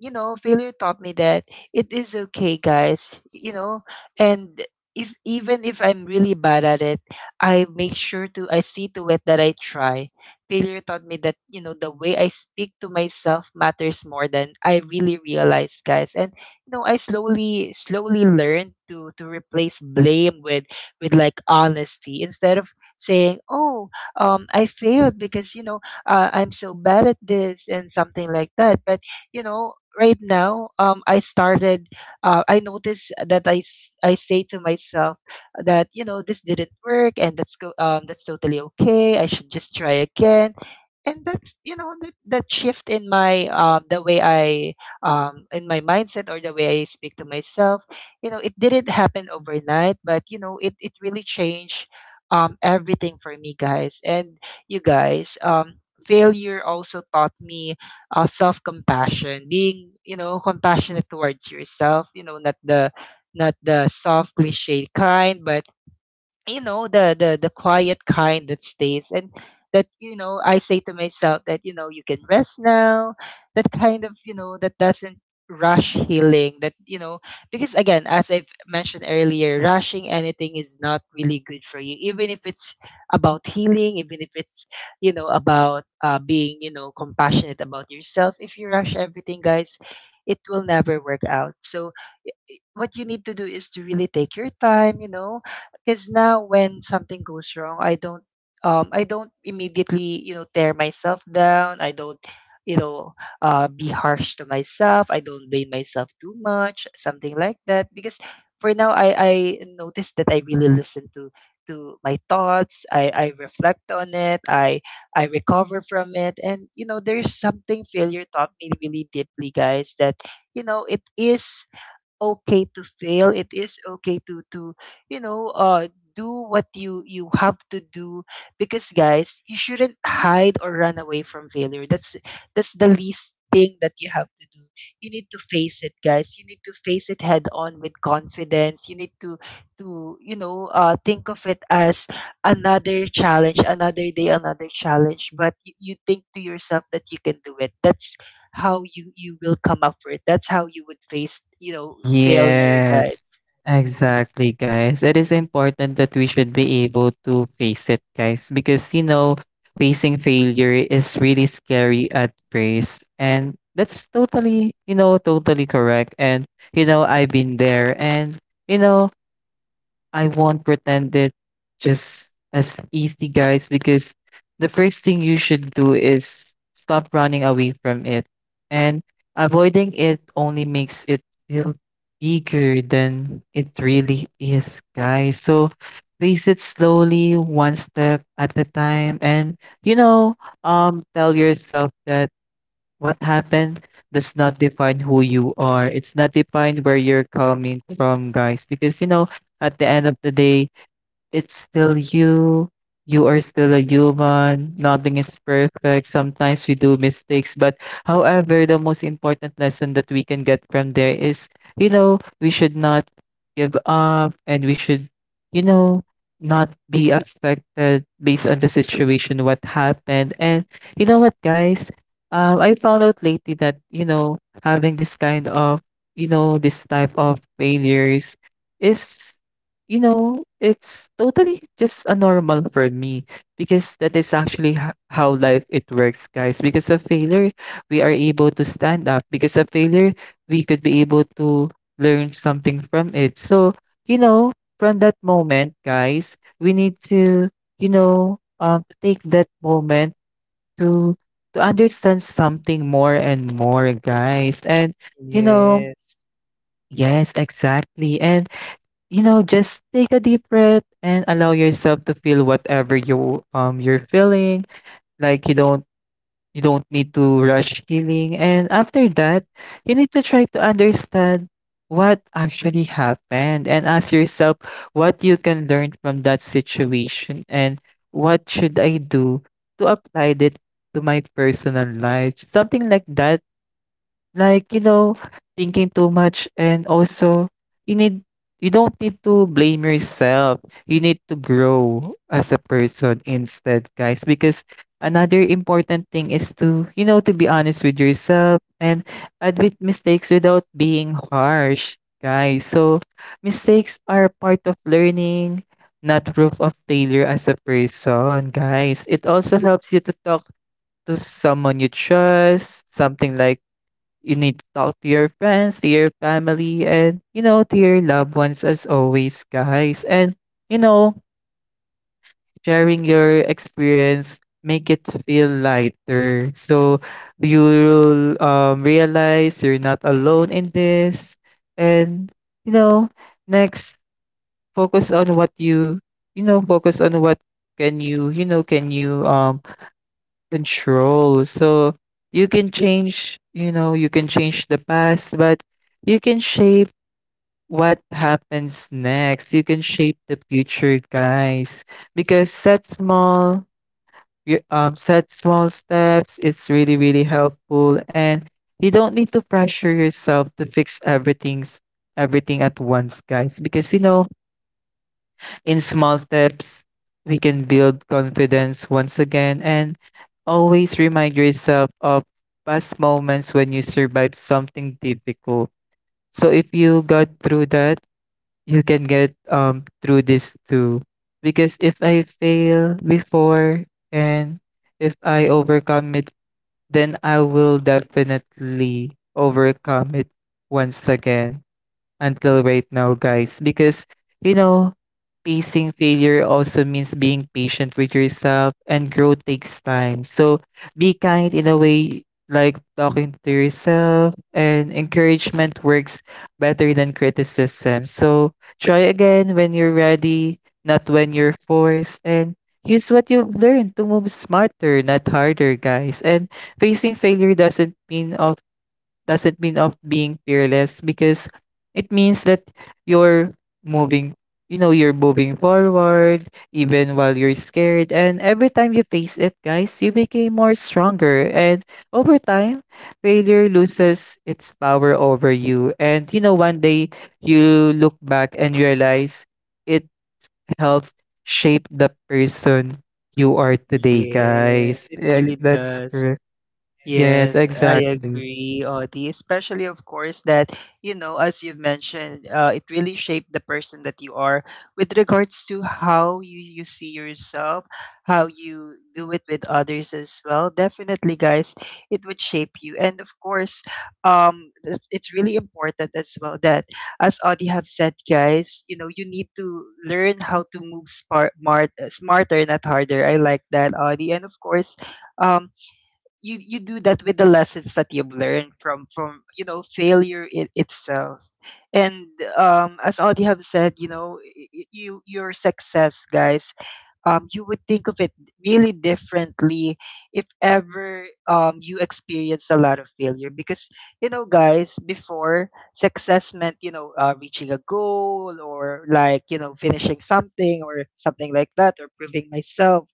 Speaker 1: you know, failure taught me that it is okay, guys. You know, and if even if I'm really bad at it, I make sure to I see to it that I try. Failure taught me that, you know, the way I speak to myself matters more than I really realized, guys. And you know, I slowly slowly learned to to replace blame with with like honesty instead of saying, "Oh, um I failed because, you know, uh, I'm so bad at this and something like that." But you know right now, um, I started. Uh, I noticed that I s- I say to myself that you know this didn't work, and that's go. Um, that's totally okay. I should just try again. And that's, you know, that, that shift in my um, the way I um, in my mindset or the way I speak to myself, you know, it didn't happen overnight, but you know, it, it really changed um, everything for me, guys. And you guys, um, failure also taught me uh, self compassion, being, you know, compassionate towards yourself. You know, not the not the soft cliche kind, but you know the the the quiet kind that stays and that you know I say to myself that you know you can rest now. That kind of, you know, that doesn't rush healing, that you know, because again as I've mentioned earlier, rushing anything is not really good for you, even if it's about healing, even if it's, you know, about uh, being, you know, compassionate about yourself. If you rush everything, guys, it will never work out. So i- i- what you need to do is to really take your time, you know. Because now when something goes wrong, I don't um I don't immediately, you know, tear myself down. I don't, you know, uh be harsh to myself. I don't blame myself too much, something like that. Because for now I I noticed that I really listen to to my thoughts. I I reflect on it. I I recover from it. And you know, there's something failure taught me really deeply, guys, that you know, it is okay to fail. It is okay to to you know uh do what you you have to do because guys, you shouldn't hide or run away from failure. That's that's the least thing that you have to do. You need to face it, guys. You need to face it head on with confidence. You need to to you know uh think of it as another challenge, another day, another challenge, but you, you think to yourself that you can do it. That's how you you will come up for it. That's how you would face, you know, failure, guys.
Speaker 2: Yes, exactly, guys. It is important that we should be able to face it, guys, because you know, facing failure is really scary at first, and that's totally, you know, totally correct. And you know, I've been there, and you know, I won't pretend it just as easy, guys, because the first thing you should do is stop running away from it. And avoiding it only makes it feel bigger than it really is, guys. So face it slowly, one step at a time, and you know, um, tell yourself that what happened does not define who you are. It's not defined where you're coming from, guys. Because, you know, at the end of the day, it's still you. You are still a human. Nothing is perfect. Sometimes we do mistakes. But however, the most important lesson that we can get from there is, you know, we should not give up, and we should, you know, not be affected based on the situation, what happened. And you know what, guys? Um, I found out lately that, you know, having this kind of, you know, this type of failures is you know, it's totally just a normal for me, because that is actually ho- how life it works, guys. Because of failure, we are able to stand up. Because of failure, we could be able to learn something from it. So, you know, from that moment, guys, we need to, you know, um, take that moment to to understand something more and more, guys. And you know,
Speaker 1: Yes,
Speaker 2: yes, exactly. And you know, just take a deep breath and allow yourself to feel whatever you um you're feeling. Like you don't you don't need to rush healing. And after that, you need to try to understand what actually happened and ask yourself what you can learn from that situation and what should I do to apply it to my personal life. Something like that, like, you know, thinking too much. And also you need you don't need to blame yourself. You need to grow as a person instead, guys, because another important thing is to, you know, to be honest with yourself and admit mistakes without being harsh, guys. So, mistakes are part of learning, not proof of failure as a person, guys. It also helps you to talk to someone you trust, something like you need to talk to your friends, to your family, and, you know, to your loved ones as always, guys. And, you know, sharing your experience make it feel lighter. So you'll um, realize you're not alone in this. And, you know, next, focus on what you, you know, focus on what can you, you know, can you um control. So you can change, you know, you can change the past, but you can shape what happens next. You can shape the future, guys. Because set small, y- um, set small steps. It's really, really helpful, and you don't need to pressure yourself to fix everything's everything at once, guys. Because you know, in small steps, we can build confidence once again, and always remind yourself of past moments when you survived something difficult. So if you got through that, you can get um through this too. Because if I fail before and if I overcome it, then I will definitely overcome it once again until right now, guys. Because, you know, facing failure also means being patient with yourself, and growth takes time. So be kind in a way, like talking to yourself, and encouragement works better than criticism. So try again when you're ready, not when you're forced, and use what you've learned to move smarter, not harder, guys. And facing failure doesn't mean of doesn't mean of being fearless because it means that you're moving, you know you're moving forward even while you're scared. And every time you face it, guys, you became more stronger. And over time, failure loses its power over you. And you know, one day you look back and realize it helped shape the person you are today,
Speaker 1: yes,
Speaker 2: guys.
Speaker 1: it
Speaker 2: Yeah,
Speaker 1: really
Speaker 2: that's
Speaker 1: does.
Speaker 2: correct. Yes,
Speaker 1: Yes, I
Speaker 2: exactly.
Speaker 1: agree, Audie. Especially, of course, that, you know, as you've mentioned, uh, it really shaped the person that you are with regards to how you, you see yourself, how you do it with others as well. Definitely, guys, it would shape you. And of course, um, it's it's really important as well that, as Audie have said, guys, you know, you need to learn how to move smart, smart, smarter, not harder. I like that, Audie. And of course, um, you you do that with the lessons that you've learned from from you know failure it, itself. And um as audie have said, you know, y- y- you your success, guys, um, you would think of it really differently if ever um, you experience a lot of failure. Because, you know, guys, before success meant, you know, uh, reaching a goal or like, you know, finishing something or something like that or proving myself.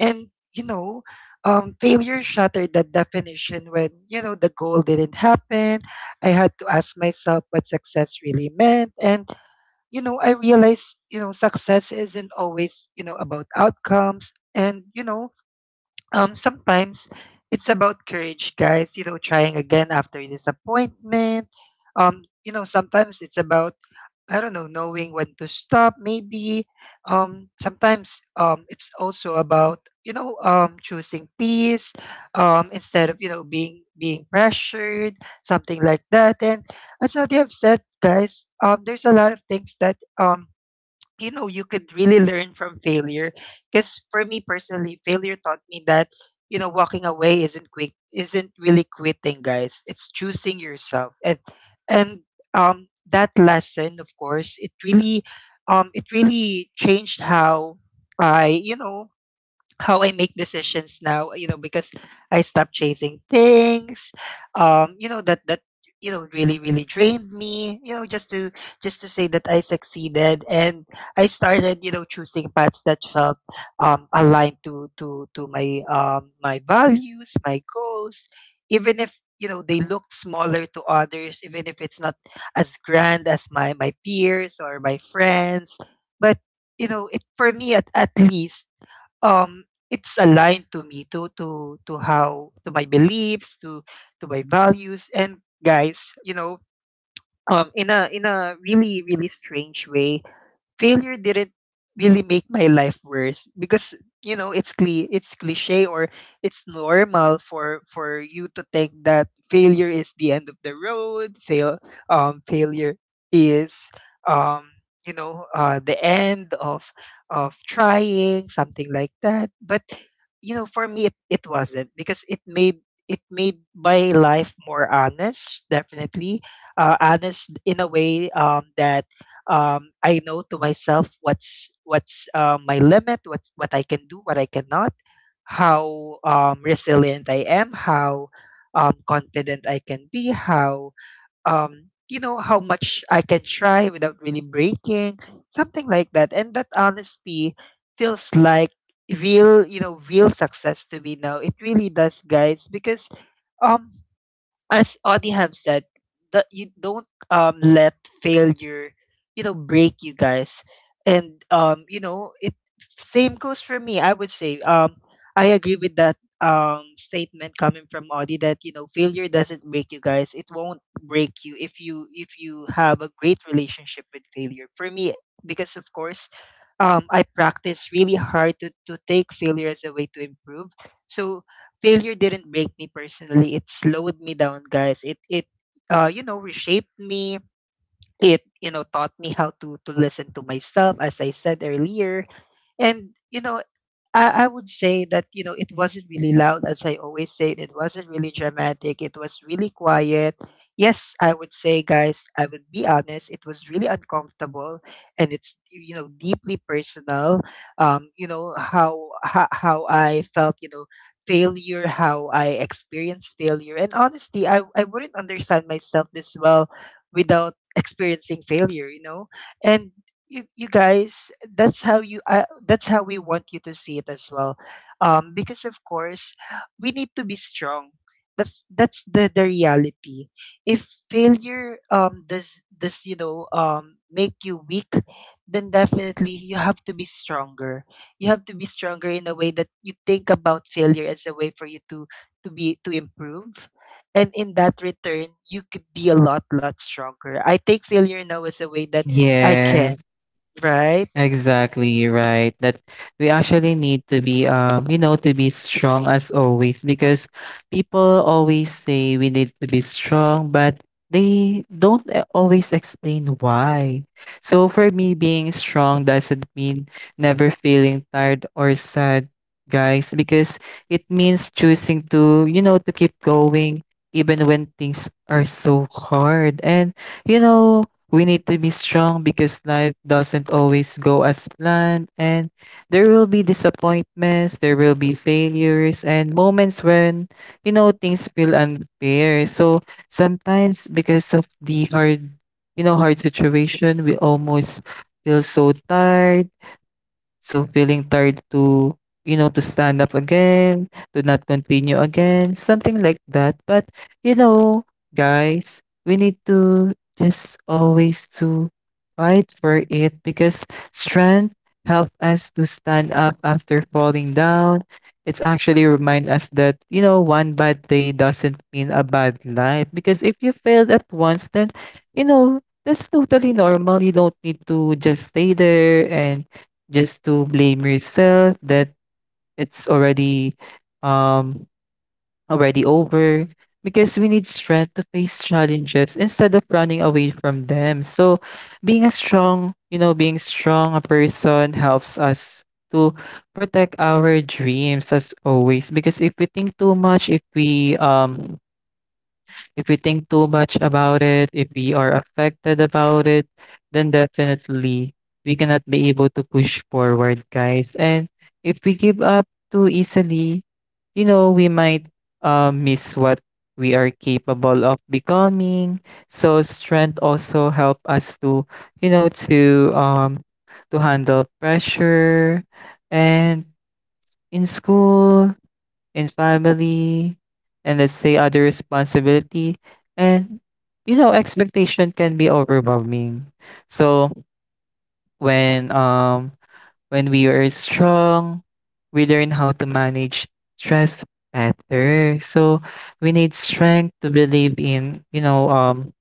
Speaker 1: And, you know, um, failure shattered that definition when, you know, the goal didn't happen. I had to ask myself what success really meant. And you know, I realized, you know, success isn't always, you know, about outcomes. And, you know, um sometimes it's about courage, guys, you know, trying again after disappointment. Um you know sometimes it's about, I don't know, knowing when to stop maybe. Um sometimes um it's also about, you know, um choosing peace um instead of, you know, being being pressured, something like that. And as what you have said, guys, um there's a lot of things that um you know you could really learn from failure. Because for me personally, failure taught me that you know walking away isn't quit isn't really quitting, guys. It's choosing yourself. and and um that lesson, of course, it really um it really changed how i, you know, how I make decisions now, you know, because I stopped chasing things, um, you know, that that you know really really drained me, you know, just to just to say that I succeeded. And I started, you know, choosing paths that felt um aligned to to to my um my values, my goals, even if you know they looked smaller to others, even if it's not as grand as my my peers or my friends, but you know, it for me at, at least Um, it's aligned to me, to to to how to my beliefs, to to my values. And guys, you know, um, in a in a really really strange way, failure didn't really make my life worse because you know it's cli- it's cliche or it's normal for for you to think that failure is the end of the road. Fail um failure is um you know uh the end of of trying something like that. But you know for me it, it wasn't, because it made it made my life more honest. Definitely uh honest in a way um that um, I know to myself what's what's uh, my limit, what's what I can do, what I cannot, how um, resilient I am, how um, confident I can be, how um, you know how much I can try without really breaking, something like that. And that honesty feels like real, you know, real success to me now. It really does, guys, because um as Audie have said, that you don't um let failure, you know, break you, guys. And um, you know, it same goes for me. I would say um I agree with that um statement coming from Audie that you know failure doesn't break you, guys. It won't break you if you if you have a great relationship with failure. For me, because of course um, I practice really hard to, to take failure as a way to improve. So failure didn't break me personally. It slowed me down, guys. It it uh you know reshaped me. It you know taught me how to to listen to myself, as I said earlier. And, you know, I, I would say that, you know, it wasn't really loud, as I always say. It wasn't really dramatic. It was really quiet. Yes, I would say, guys, I would be honest, it was really uncomfortable and it's, you know, deeply personal. Um, you know, how, how, how I felt, you know, failure, how I experienced failure. And honestly, I, I wouldn't understand myself this well without experiencing failure, you know? And you you guys, that's how you uh, that's how we want you to see it as well um because of course we need to be strong. That's that's the the reality. If failure um does does you know um make you weak, then definitely you have to be stronger. You have to be stronger in a way that you think about failure as a way for you to to be to improve, and in that return you could be a lot lot stronger. I take failure now as a way that I can.
Speaker 2: Yes.
Speaker 1: Right.
Speaker 2: Exactly right. That we actually need to be, um, you know, to be strong as always, because people always say we need to be strong, but they don't a- always explain why. So for me, being strong doesn't mean never feeling tired or sad, guys, because it means choosing to, you know, to keep going even when things are so hard. And, you know, we need to be strong because life doesn't always go as planned, and there will be disappointments, there will be failures, and moments when, you know, things feel unfair. So sometimes, because of the hard, you know, hard situation, we almost feel so tired. So feeling tired to, you know, to stand up again, to not continue again, something like that. But, you know, guys, we need to just always to fight for it because strength help us to stand up after falling down. It's actually remind us that, you know, one bad day doesn't mean a bad life, because if you failed at once, then, you know, that's totally normal. You don't need to just stay there and just to blame yourself that it's already, um already over, because we need strength to face challenges instead of running away from them. So being a strong, you know, being strong a person helps us to protect our dreams as always. Because if we think too much, if we um if we think too much about it, if we are affected about it, then definitely we cannot be able to push forward, guys. And if we give up too easily, you know, we might uh, miss what we are capable of becoming. So strength also help us to, you know, to um to handle pressure and in school, in family, and let's say other responsibility. And you know, expectation can be overwhelming. So when um when we are strong, we learn how to manage stress better. So we need strength to believe in, you know, um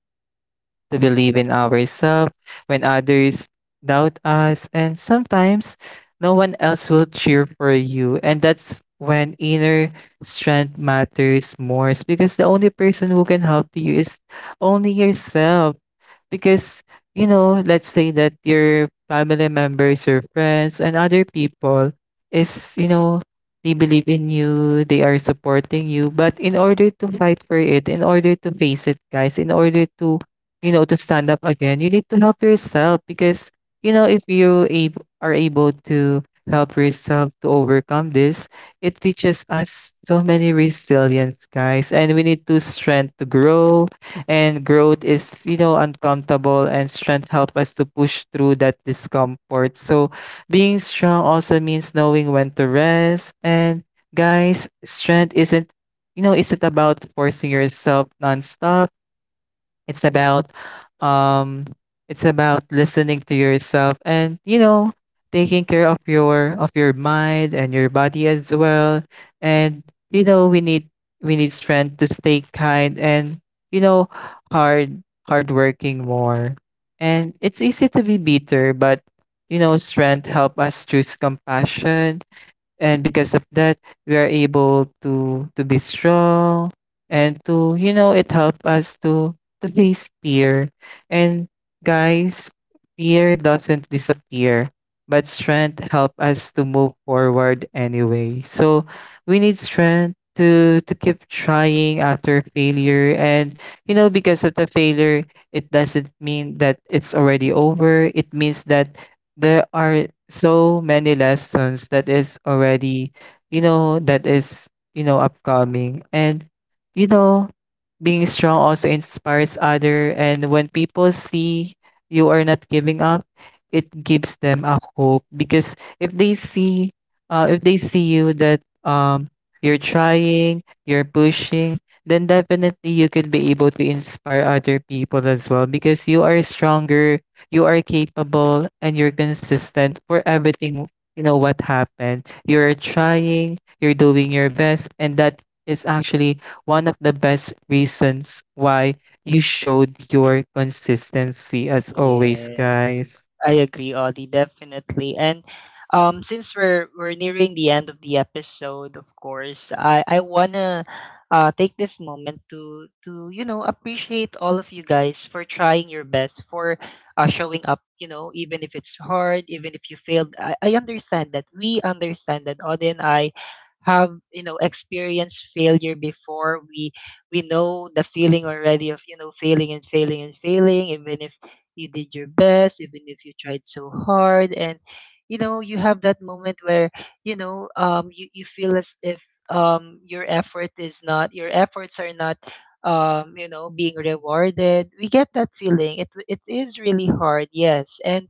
Speaker 2: to believe in ourselves when others doubt us, and sometimes no one else will cheer for you. And that's when inner strength matters more, because the only person who can help you is only yourself. Because you know, let's say that your family members, your friends, and other people is, you know, they believe in you, they are supporting you, but in order to fight for it, in order to face it, guys, in order to, you know, to stand up again, you need to help yourself. Because you know, if you ab- are able to help yourself to overcome this, it teaches us so many resilience, guys. And we need to strength to grow, and growth is, you know, uncomfortable, and strength help us to push through that discomfort. So being strong also means knowing when to rest. And guys, strength isn't, you know, isn't about forcing yourself nonstop. It's about, um it's about listening to yourself and, you know, taking care of your of your mind and your body as well. And you know, we need we need strength to stay kind and, you know, hard hard working more. And it's easy to be bitter, but you know, strength help us choose compassion. And because of that, we are able to to be strong and to, you know, it helped us to to face fear. And guys, fear doesn't disappear, but strength help us to move forward anyway. So we need strength to to keep trying after failure. And you know, because of the failure, it doesn't mean that it's already over. It means that there are so many lessons that is already, you know, that is, you know, upcoming. And you know, being strong also inspires other. And when people see you are not giving up, it gives them a hope. Because if they see, uh, if they see you that um you're trying, you're pushing, then definitely you could be able to inspire other people as well, because you are stronger, you are capable, and you're consistent for everything. You know what happened, you're trying, you're doing your best, and that is actually one of the best reasons why you showed your consistency as always,
Speaker 1: Yeah,
Speaker 2: guys.
Speaker 1: I agree, Audie, definitely. And um, since we're we're nearing the end of the episode, of course, I I wanna uh take this moment to to you know appreciate all of you guys for trying your best, for uh showing up. You know, even if it's hard, even if you failed, I, I understand that. We understand that. Audie and I have, you know, experienced failure before. We we know the feeling already of, you know, failing and failing and failing, even if you did your best, even if you tried so hard, and you know you have that moment where, you know, um you, you feel as if um your effort is not your efforts are not, um you know, being rewarded. We get that feeling. It it is really hard, yes. And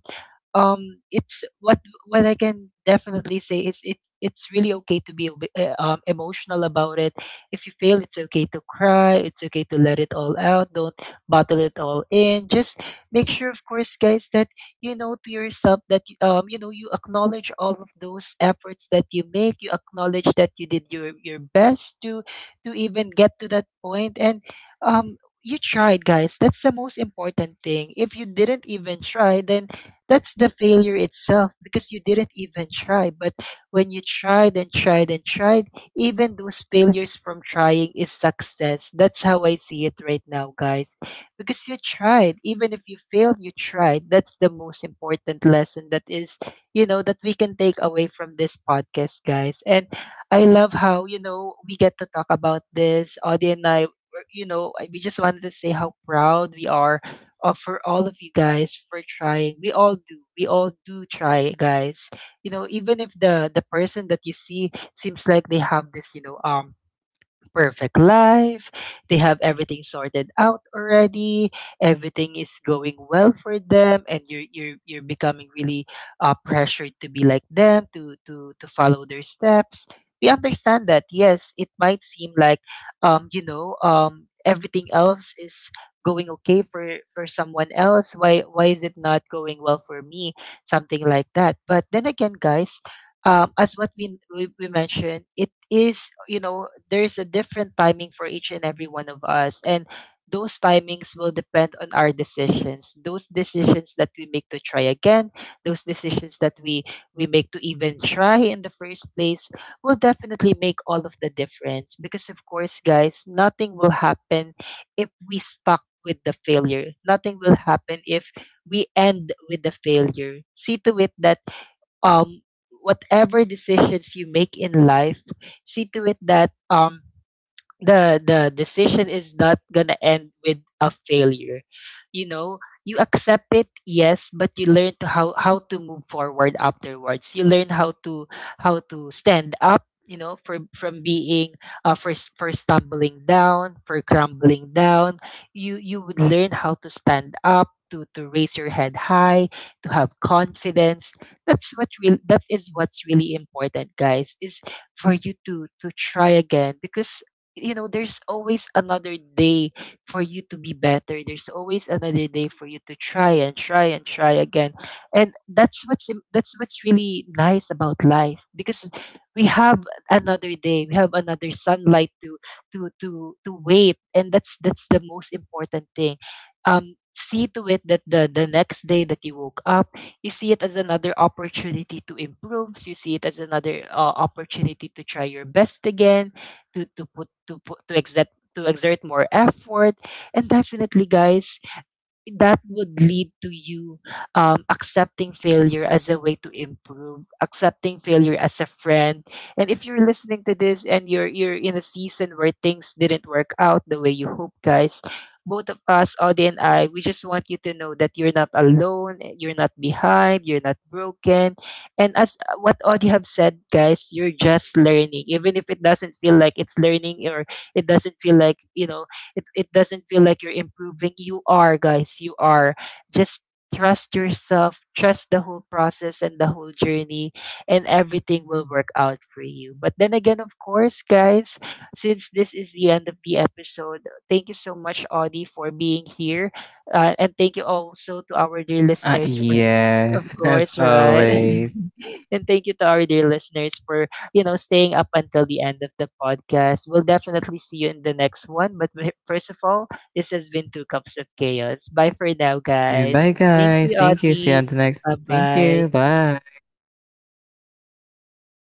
Speaker 1: um it's what what I can definitely say is, it's it's really okay to be a bit, uh, um, emotional about it. If you fail, it's okay to cry, it's okay to let it all out. Don't bottle it all in. Just make sure of course, guys, that, you know, to yourself that um you know you acknowledge all of those efforts that you make. You acknowledge that you did your your best to to even get to that point. And um you tried, guys. That's the most important thing. If you didn't even try, then that's the failure itself, because you didn't even try. But when you tried and tried and tried, even those failures from trying is success. That's how I see it right now, guys, because you tried. Even if you failed, you tried. That's the most important lesson that is, you know, that we can take away from this podcast, guys. And I love how, you know, we get to talk about this. Audie and I, we're- you know, I- we just wanted to say how proud we are of, for all of you guys for trying. We all do. We all do try, guys. You know, even if the the person that you see seems like they have this, you know, um perfect life. They have everything sorted out already. Everything is going well for them, and you're you're you're becoming really uh, pressured to be like them, to to to follow their steps. We understand that. Yes, it might seem like um you know um everything else is going okay for for someone else. why why is it not going well for me, something like that? But then again, guys, um, as what we, we we mentioned, it is, you know, there's a different timing for each and every one of us, and those timings will depend on our decisions. Those decisions that we make to try again, those decisions that we we make to even try in the first place, will definitely make all of the difference. Because of course, guys, nothing will happen if we stuck with the failure. Nothing will happen if we end with the failure. See to it that um, whatever decisions you make in life, see to it that, um, the the decision is not gonna end with a failure. You know, you accept it, yes, but you learn to how how to move forward afterwards. You learn how to how to stand up, you know, from from being uh for, s- for stumbling down, for crumbling down. You you would learn how to stand up, to to raise your head high, to have confidence. That's what real that is what's really important, guys, is for you to to try again, because, you know, there's always another day for you to be better. There's always another day for you to try and try and try again. And that's what's im- that's what's really nice about life, because we have another day. We have another sunlight to to to to wait. And that's that's the most important thing. um see to it that the the next day that you woke up, you see it as another opportunity to improve. You see it as another uh, opportunity to try your best again, to to put to put to exert to exert more effort. And definitely, guys, that would lead to you um, accepting failure as a way to improve, accepting failure as a friend. And if you're listening to this and you're you're in a season where things didn't work out the way you hope, guys, both of us, Audie and I, we just want you to know that you're not alone, you're not behind, you're not broken. And as uh, what Audie have said, guys, you're just learning. Even if it doesn't feel like it's learning, or it doesn't feel like, you know, it, it doesn't feel like you're improving. You are, guys. You are. Just trust yourself, trust the whole process and the whole journey, and everything will work out for you. But then again, of course, guys, since this is the end of the episode, thank you so much, Audie, for being here. Uh, and thank you also to our dear
Speaker 2: uh,
Speaker 1: listeners for, of
Speaker 2: yes, as
Speaker 1: course, right?
Speaker 2: always.
Speaker 1: and thank you to our dear listeners for, you know, staying up until the end of the podcast. We'll definitely see you in the next one. But we- first of all, this has been Two Cups of Chaos. Bye for now,
Speaker 2: Yeah, bye
Speaker 1: guys. Thank
Speaker 2: guys,
Speaker 1: you,
Speaker 2: thank you, see you on
Speaker 1: Audie.
Speaker 2: the next,
Speaker 1: Bye
Speaker 2: thank you,
Speaker 1: bye.
Speaker 2: bye.